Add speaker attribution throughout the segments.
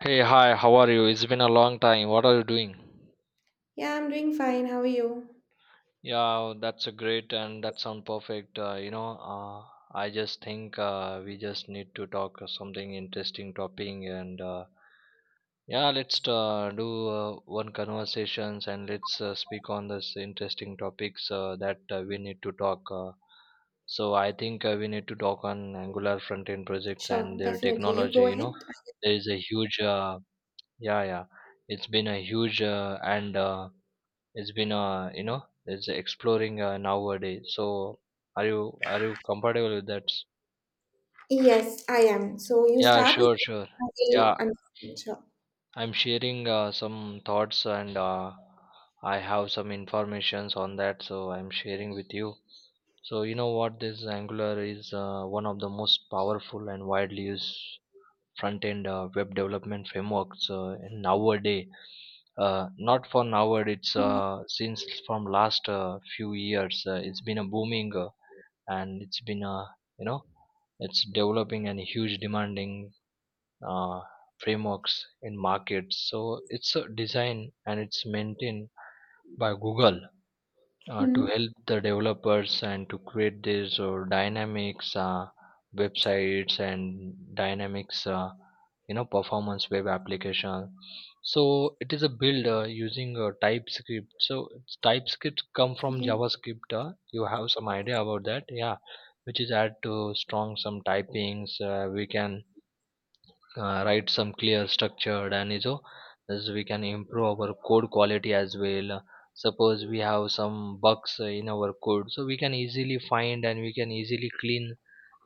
Speaker 1: Hey, hi, how are you? It's been a long time. What are you doing?
Speaker 2: Yeah, I'm doing fine. How are you?
Speaker 1: Yeah, that's a great and that sounds perfect. I just think we just need to talk something interesting topic and yeah, let's do one conversations and let's speak on this interesting topics that we need to talk. So I think we need to talk on Angular front-end projects
Speaker 2: Sure,
Speaker 1: and their
Speaker 2: definitely. You
Speaker 1: technology.
Speaker 2: go ahead.
Speaker 1: There is a huge Yeah, yeah. It's been a huge and it's been it's exploring nowadays. So are you comfortable with that?
Speaker 2: Yes, I am. So you
Speaker 1: Yeah,
Speaker 2: start with,
Speaker 1: sure, sure.
Speaker 2: I
Speaker 1: Yeah,
Speaker 2: will understand. Sure.
Speaker 1: I'm sharing some thoughts and I have some informations on that, so I'm sharing with you. So you know what? This Angular is one of the most powerful and widely used front-end web development frameworks in nowadays, not for now but it's since from last few years it's been a booming, and it's been a, you know it's developing and huge demanding uh, frameworks in markets. So it's a design and it's maintained by google to
Speaker 2: Mm-hmm.
Speaker 1: help the developers and to create their so dynamics websites and dynamics, performance web application. So it is a build using typescript. So it's typescript come from
Speaker 2: Okay.
Speaker 1: javascript, you have some idea about that? Yeah, which is add to strong some typings. We can write some clear structured and, you know, as we can improve our code quality as well. Suppose we have some bugs in our code, so we can easily find and we can easily clean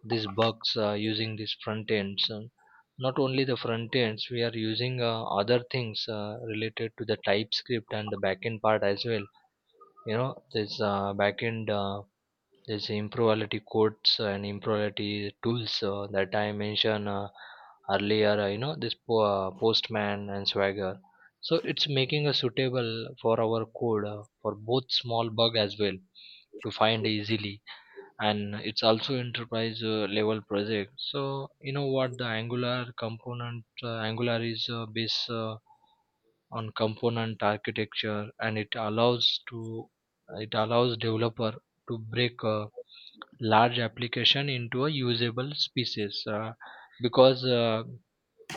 Speaker 1: these bugs using these front ends. And not only the front ends, we are using other things related to the typescript and the backend part as well. You know, this backend, there's improbability codes and improbability tools that I mentioned earlier. You know this postman and swagger. So it's making a suitable for our code for both small bug as well, to find easily, and it's also enterprise level project. So you know what the Angular component, Angular is based on component architecture, and it allows to, it allows developer to break. Large application into a usable species, because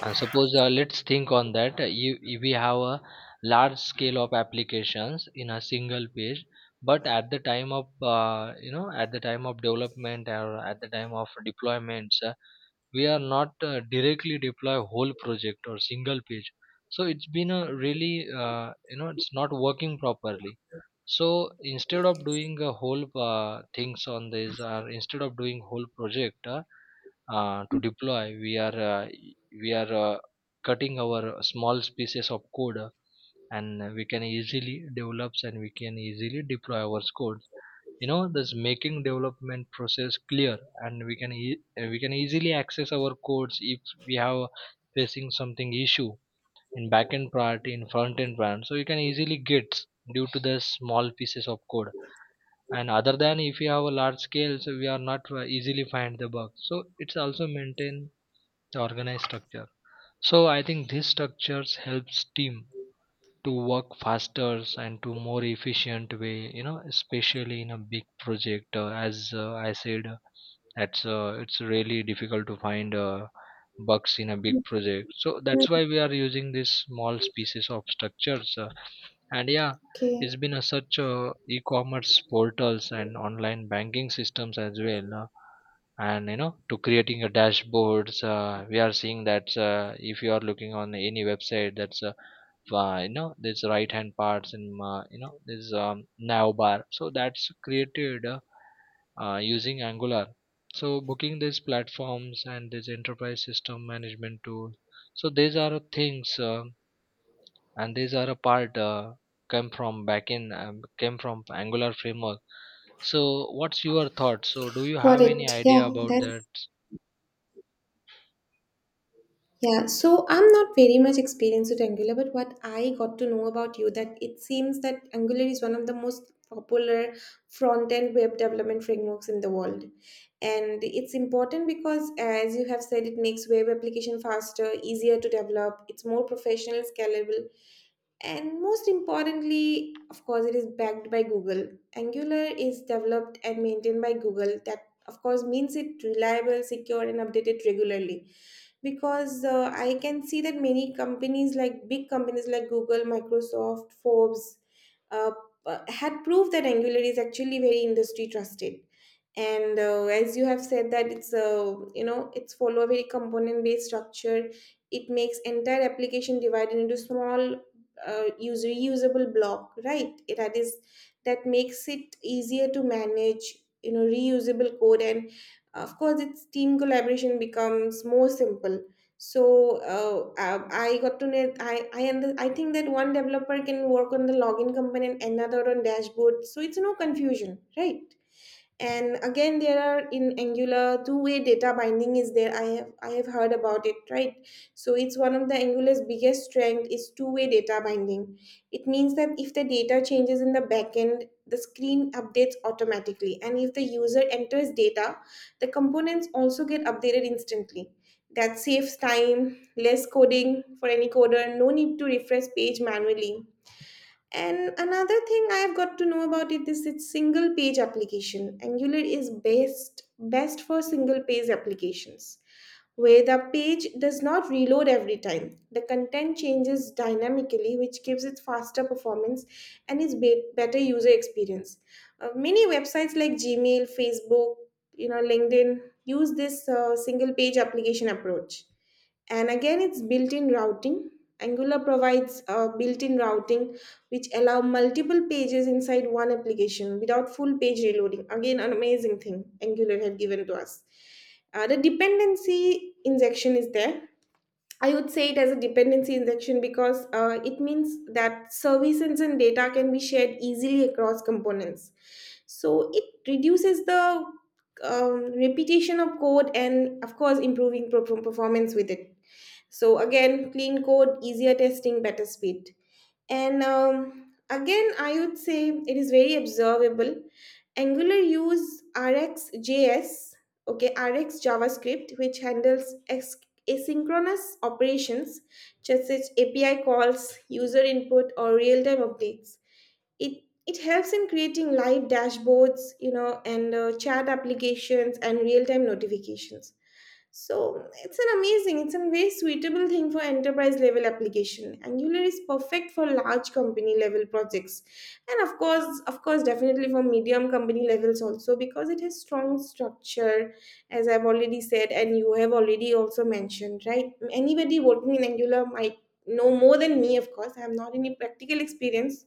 Speaker 1: suppose let's think on that. We have a large scale of applications in a single page, but at the time of, at the time of development or at the time of deployments, we are not directly deploy whole project or single page. So it's been a really, it's not working properly. So instead of doing a whole things on this, or instead of doing whole project, to deploy, we are cutting our small pieces of code, and we can easily develops and we can easily deploy our code. You know, this making development process clear, and we can easily access our codes if we have facing something issue in backend priority, in front end priority, so you can easily get due to the small pieces of code. And other than, if you have a large scale, so we are not easily find the bug. So it's also maintain the organized structure. So I think these structures helps team to work faster and to more efficient way. You know, especially in a big project, as I said, that's it's really difficult to find bugs in a big project. So that's why we are using these small pieces of structures, and yeah,
Speaker 2: Okay.
Speaker 1: it's been a such e-commerce portals and online banking systems as well. And to creating a dashboards, we are seeing that if you are looking on any website that's you know this right hand parts and this navbar. So that's created using angular. So booking these platforms and this enterprise system management tool, so these are things and these are a part came from backend, came from angular framework. So what's your thoughts? So do you
Speaker 2: Got
Speaker 1: have any
Speaker 2: it. Yeah,
Speaker 1: idea about that?
Speaker 2: that's. Yeah, so I'm not very much experienced with Angular, but what I got to know about you that it seems that Angular is one of the most popular front-end web development frameworks in the world. And it's important because as you have said, it makes web application faster, easier to develop, it's more professional, scalable, and most importantly, of course, it is backed by Google. Angular is developed and maintained by Google. That, of course, means it reliable, secure, and updated regularly. Because I can see that many companies, like big companies like Google, Microsoft, Forbes, uh, had proved that Angular is actually very industry trusted. And as you have said, that it's follow a very component based structure. It makes entire application divided into small use reusable block, right, it, that is that makes it easier to manage, reusable code, and of course, its team collaboration becomes more simple. So I got to know, I think that one developer can work on the login component, another on dashboard, so it's no confusion, right? And again, there are in Angular, two-way data binding is there. I have heard about it, right? So it's one of the Angular's biggest strength is two-way data binding. It means that if the data changes in the backend, the screen updates automatically, and if the user enters data, the components also get updated instantly. That saves time, less coding for any coder, no need to refresh page manually. And another thing I have got to know about it is its single page application. Angular is best for single page applications where the page does not reload every time. The content changes dynamically, which gives it faster performance and is better user experience. Many websites like Gmail, Facebook, LinkedIn use this single page application approach. And again, it's built-in routing. Angular provides built-in routing, which allow multiple pages inside one application without full page reloading. Again, an amazing thing Angular have given to us. The dependency injection is there. I would say it as a dependency injection because it means that services and data can be shared easily across components. So it reduces the repetition of code and, of course, improving performance with it. So again, clean code, easier testing, better speed. And again, I would say it is very observable. Angular use RxJS, okay, Rx JavaScript, which handles asynchronous operations, such as API calls, user input, or real-time updates. It helps in creating live dashboards, and chat applications and real-time notifications. So it's a very suitable thing for enterprise level application. Angular is perfect for large company level projects. And of course, definitely for medium company levels also because it has strong structure, as I've already said, and you have already also mentioned, right? Anybody working in Angular might know more than me, of course. I have not any practical experience.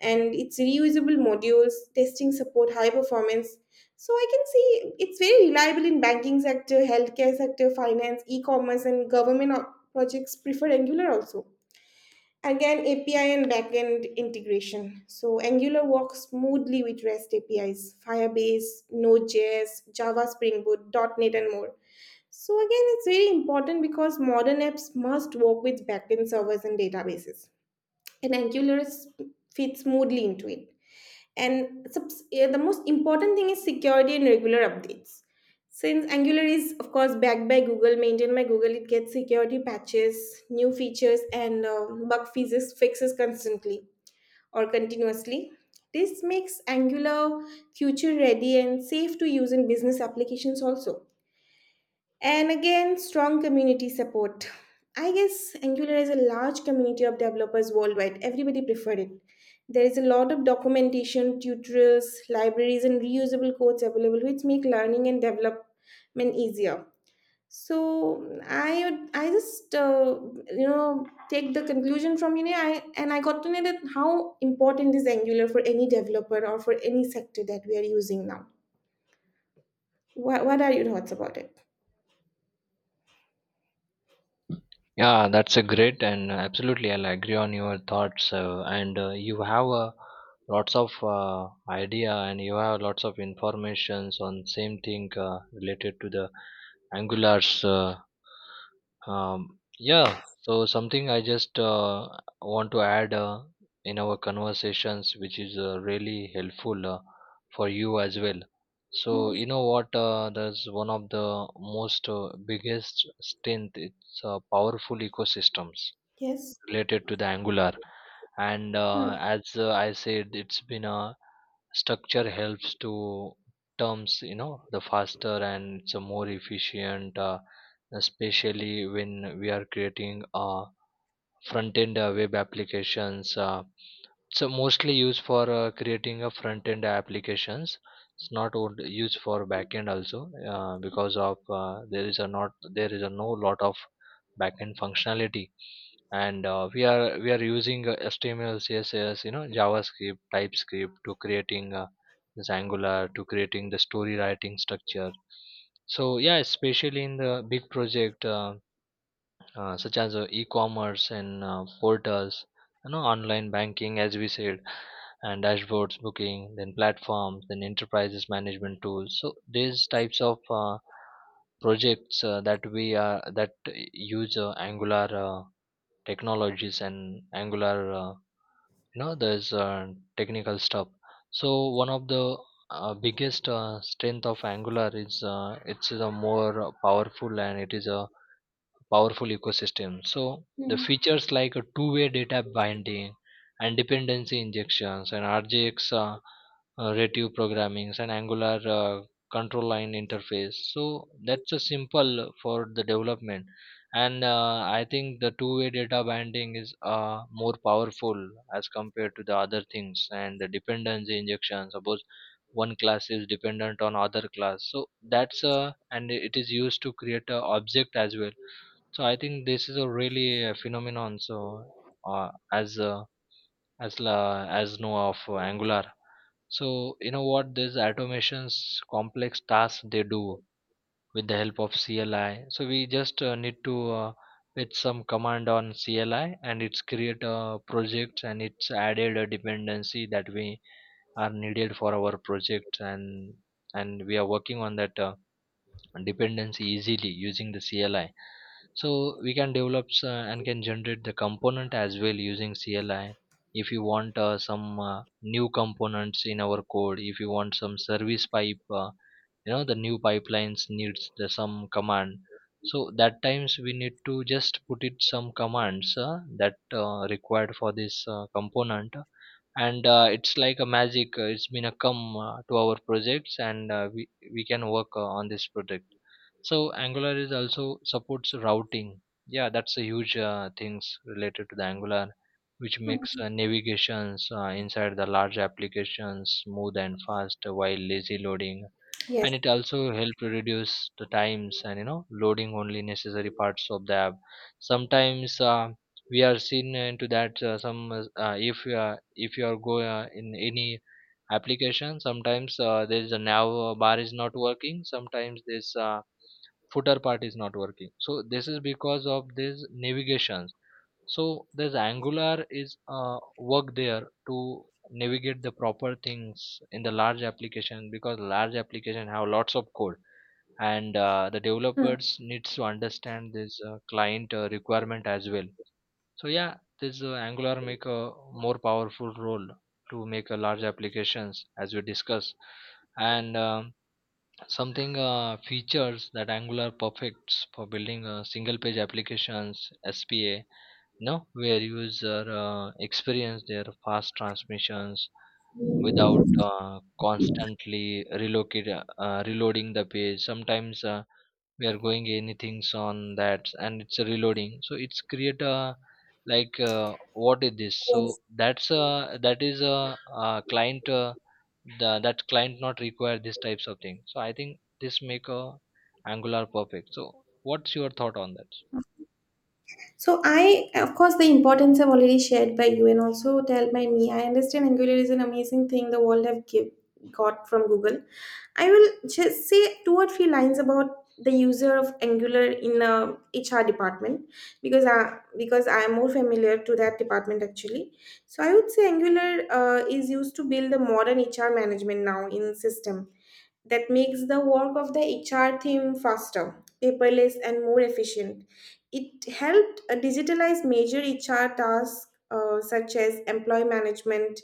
Speaker 2: And it's reusable modules, testing support, high performance, so I can see it's very reliable in banking sector, healthcare sector, finance, e-commerce, and government projects prefer Angular also. Again, API and backend integration. So Angular works smoothly with REST APIs, Firebase, Node.js, Java, Spring Boot, dot .NET, and more. So again, it's very important because modern apps must work with backend servers and databases, and Angular fits smoothly into it. And yeah, the most important thing is security and regular updates. Since Angular is, of course, backed by Google, maintained by Google, it gets security patches, new features, and bug fixes constantly or continuously. This makes Angular future ready and safe to use in business applications also. And again, strong community support. I guess Angular is a large community of developers worldwide. Everybody preferred it. There is a lot of documentation, tutorials, libraries, and reusable codes available, which make learning and development easier. So I would, I just take the conclusion from, I got to know that how important is Angular for any developer or for any sector that we are using now. What are your thoughts about it?
Speaker 1: Yeah, that's a great, and absolutely I'll agree on your thoughts. And you have lots of idea and you have lots of informations on same thing related to the angulars. Yeah, so something I just want to add in our conversations, which is really helpful for you as well. So
Speaker 2: Hmm.
Speaker 1: you know what? That's one of the most biggest strength. It's powerful ecosystems
Speaker 2: Yes.
Speaker 1: related to the Angular, and uh,
Speaker 2: Hmm.
Speaker 1: as uh, I said, it's been a structure helps to terms. You know, the faster and it's a more efficient, especially when we are creating a front end web applications, so mostly used for creating a front end applications. It's not on- used for back end also, because of there is a not, there is a no lot of back end functionality. And we are using html css, you know, javascript typescript to creating this angular, to creating the story writing structure. So yeah, especially in the big project, such as e-commerce and portals, you know, online banking, as we said, and dashboards, booking then platforms, then enterprises management tools. So these types of projects that we are that use angular technologies and angular, uh, there's technical stuff. So one of the biggest strength of angular is, it's a more powerful and it is a powerful ecosystem. So the
Speaker 2: Mm.
Speaker 1: features like a two-way data binding and dependency injections and RJX, native programmings and Angular control line interface. So that's a simple for the development. And I think the two-way data binding is more powerful as compared to the other things and the dependency injection. Suppose one class is dependent on other class, so that's and it is used to create a object as well. So I think this is a really phenomenon. So uh, as uh, as know of Angular. So you know what these automations, complex tasks they do with the help of CLI. So we just need to with some command on CLI, and it's create a project and it's added a dependency that we are needed for our project. And we are working on that. Dependency easily using the CLI. So we can and can generate the component as well using CLI. If you want some new components in our code, if you want some service pipe, the new pipelines needs the some command. So that times we need to just put it some commands that required for this component, and it's like a magic. It's been a come to our projects, and we can work on this project. So angular is also supports routing. Yeah, that's a huge things related to the angular, which makes navigations inside the large applications smooth and fast while lazy loading,
Speaker 2: Yes.
Speaker 1: and it also help to reduce the times, and, you know, loading only necessary parts of the app. Sometimes, we are seen into that some if you are go in any application, sometimes there is a nav bar is not working, sometimes this footer part is not working. So this is because of this navigations. So there's Angular is work there to navigate the proper things in the large application, because large application have lots of code, and the
Speaker 2: Hmm.
Speaker 1: developers needs to understand this client requirement as well. So yeah, this Angular make a more powerful role to make a large applications, as we discuss. And something features that Angular perfects for building single page applications, SPA, no, where user experience their fast transmissions without constantly relocate reloading the page. Sometimes, we are going anything's on that and it's reloading, so it's create a, like, what is this? So
Speaker 2: Yes.
Speaker 1: that's a that is a, client the that client not require these types of things. So I think this make a angular perfect. So what's your thought on that?
Speaker 2: So I, of course, the importance I've already shared by you and also tell by me. I understand Angular is an amazing thing the world have got from Google. I will just say two or three lines about the user of Angular in the HR department because I am more familiar to that department actually. So I would say Angular is used to build the modern HR management now in system that makes the work of the HR team faster, paperless, and more efficient. It helped digitalize major HR tasks such as employee management,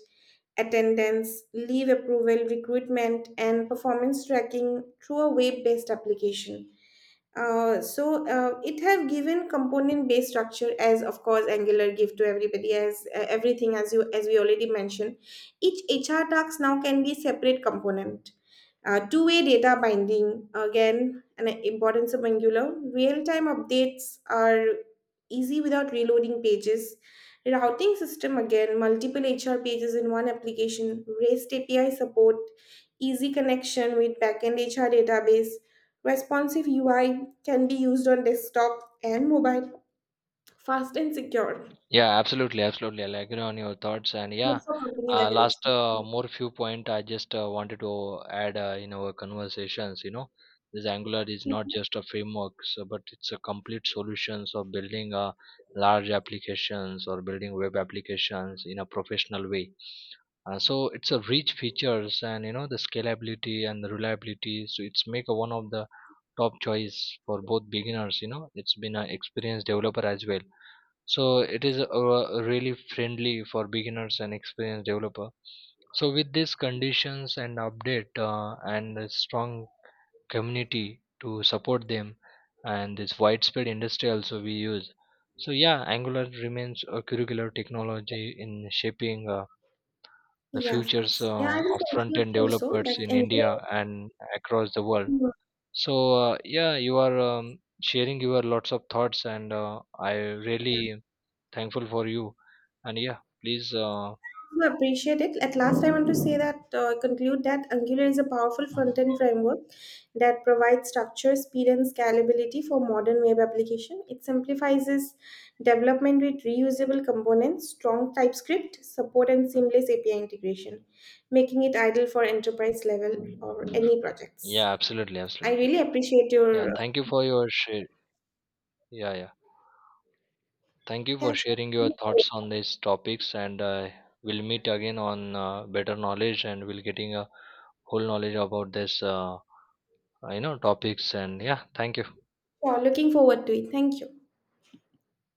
Speaker 2: attendance, leave approval, recruitment, and performance tracking through a web based application. So it have given component based structure, as of course Angular give to everybody, as everything, as you, as we already mentioned, each HR task now can be separate component. Uh, two-way data binding again, an importance of Angular, real-time updates are easy without reloading pages, routing system again, multiple HR pages in one application, REST API support, easy connection with backend HR database. Responsive UI can be used on desktop and mobile, fast and secure.
Speaker 1: Yeah, absolutely, absolutely. I'll agree on your thoughts. And
Speaker 2: Good
Speaker 1: yeah,
Speaker 2: for company leverage.
Speaker 1: last more few point I just wanted to add in our conversations. You know, this Angular is not just a framework, so, but it's a complete solutions of building large applications, or building web applications in a professional way. So it's a rich features, and, you know, the scalability and the reliability. So it's make a one of the top choice for both beginners. You know, it's been an experienced developer as well. So it is really friendly for beginners and experienced developer. So with these conditions and update, and a strong community to support them, and this widespread industry also we use. So yeah, angular remains a curricular technology in shaping the
Speaker 2: Yeah, of
Speaker 1: futures
Speaker 2: course. Yeah, I will
Speaker 1: of front
Speaker 2: conclude
Speaker 1: end
Speaker 2: also
Speaker 1: developers
Speaker 2: that
Speaker 1: in
Speaker 2: Angular.
Speaker 1: india and across the world. So yeah, you are sharing your lots of thoughts, and I really
Speaker 2: Yeah.
Speaker 1: thankful for you. And yeah, please,
Speaker 2: I appreciate it. At last, I want to say that conclude that Angular is a powerful front-end framework that provides structure, speed, and scalability for modern web application. It simplifies development with reusable components, strong TypeScript support, and seamless API integration, making it ideal for enterprise level or any projects.
Speaker 1: yeah, absolutely,
Speaker 2: I
Speaker 1: absolutely.
Speaker 2: really appreciate
Speaker 1: Yeah,
Speaker 2: your.
Speaker 1: thank you for your share. Yeah, yeah. Thank you for
Speaker 2: Yes.
Speaker 1: sharing your
Speaker 2: Yeah,
Speaker 1: thoughts on these topics. And we'll meet again on better knowledge, and we'll getting a whole knowledge about this, topics. And yeah, thank you.
Speaker 2: sure. Looking forward to it. Thank you.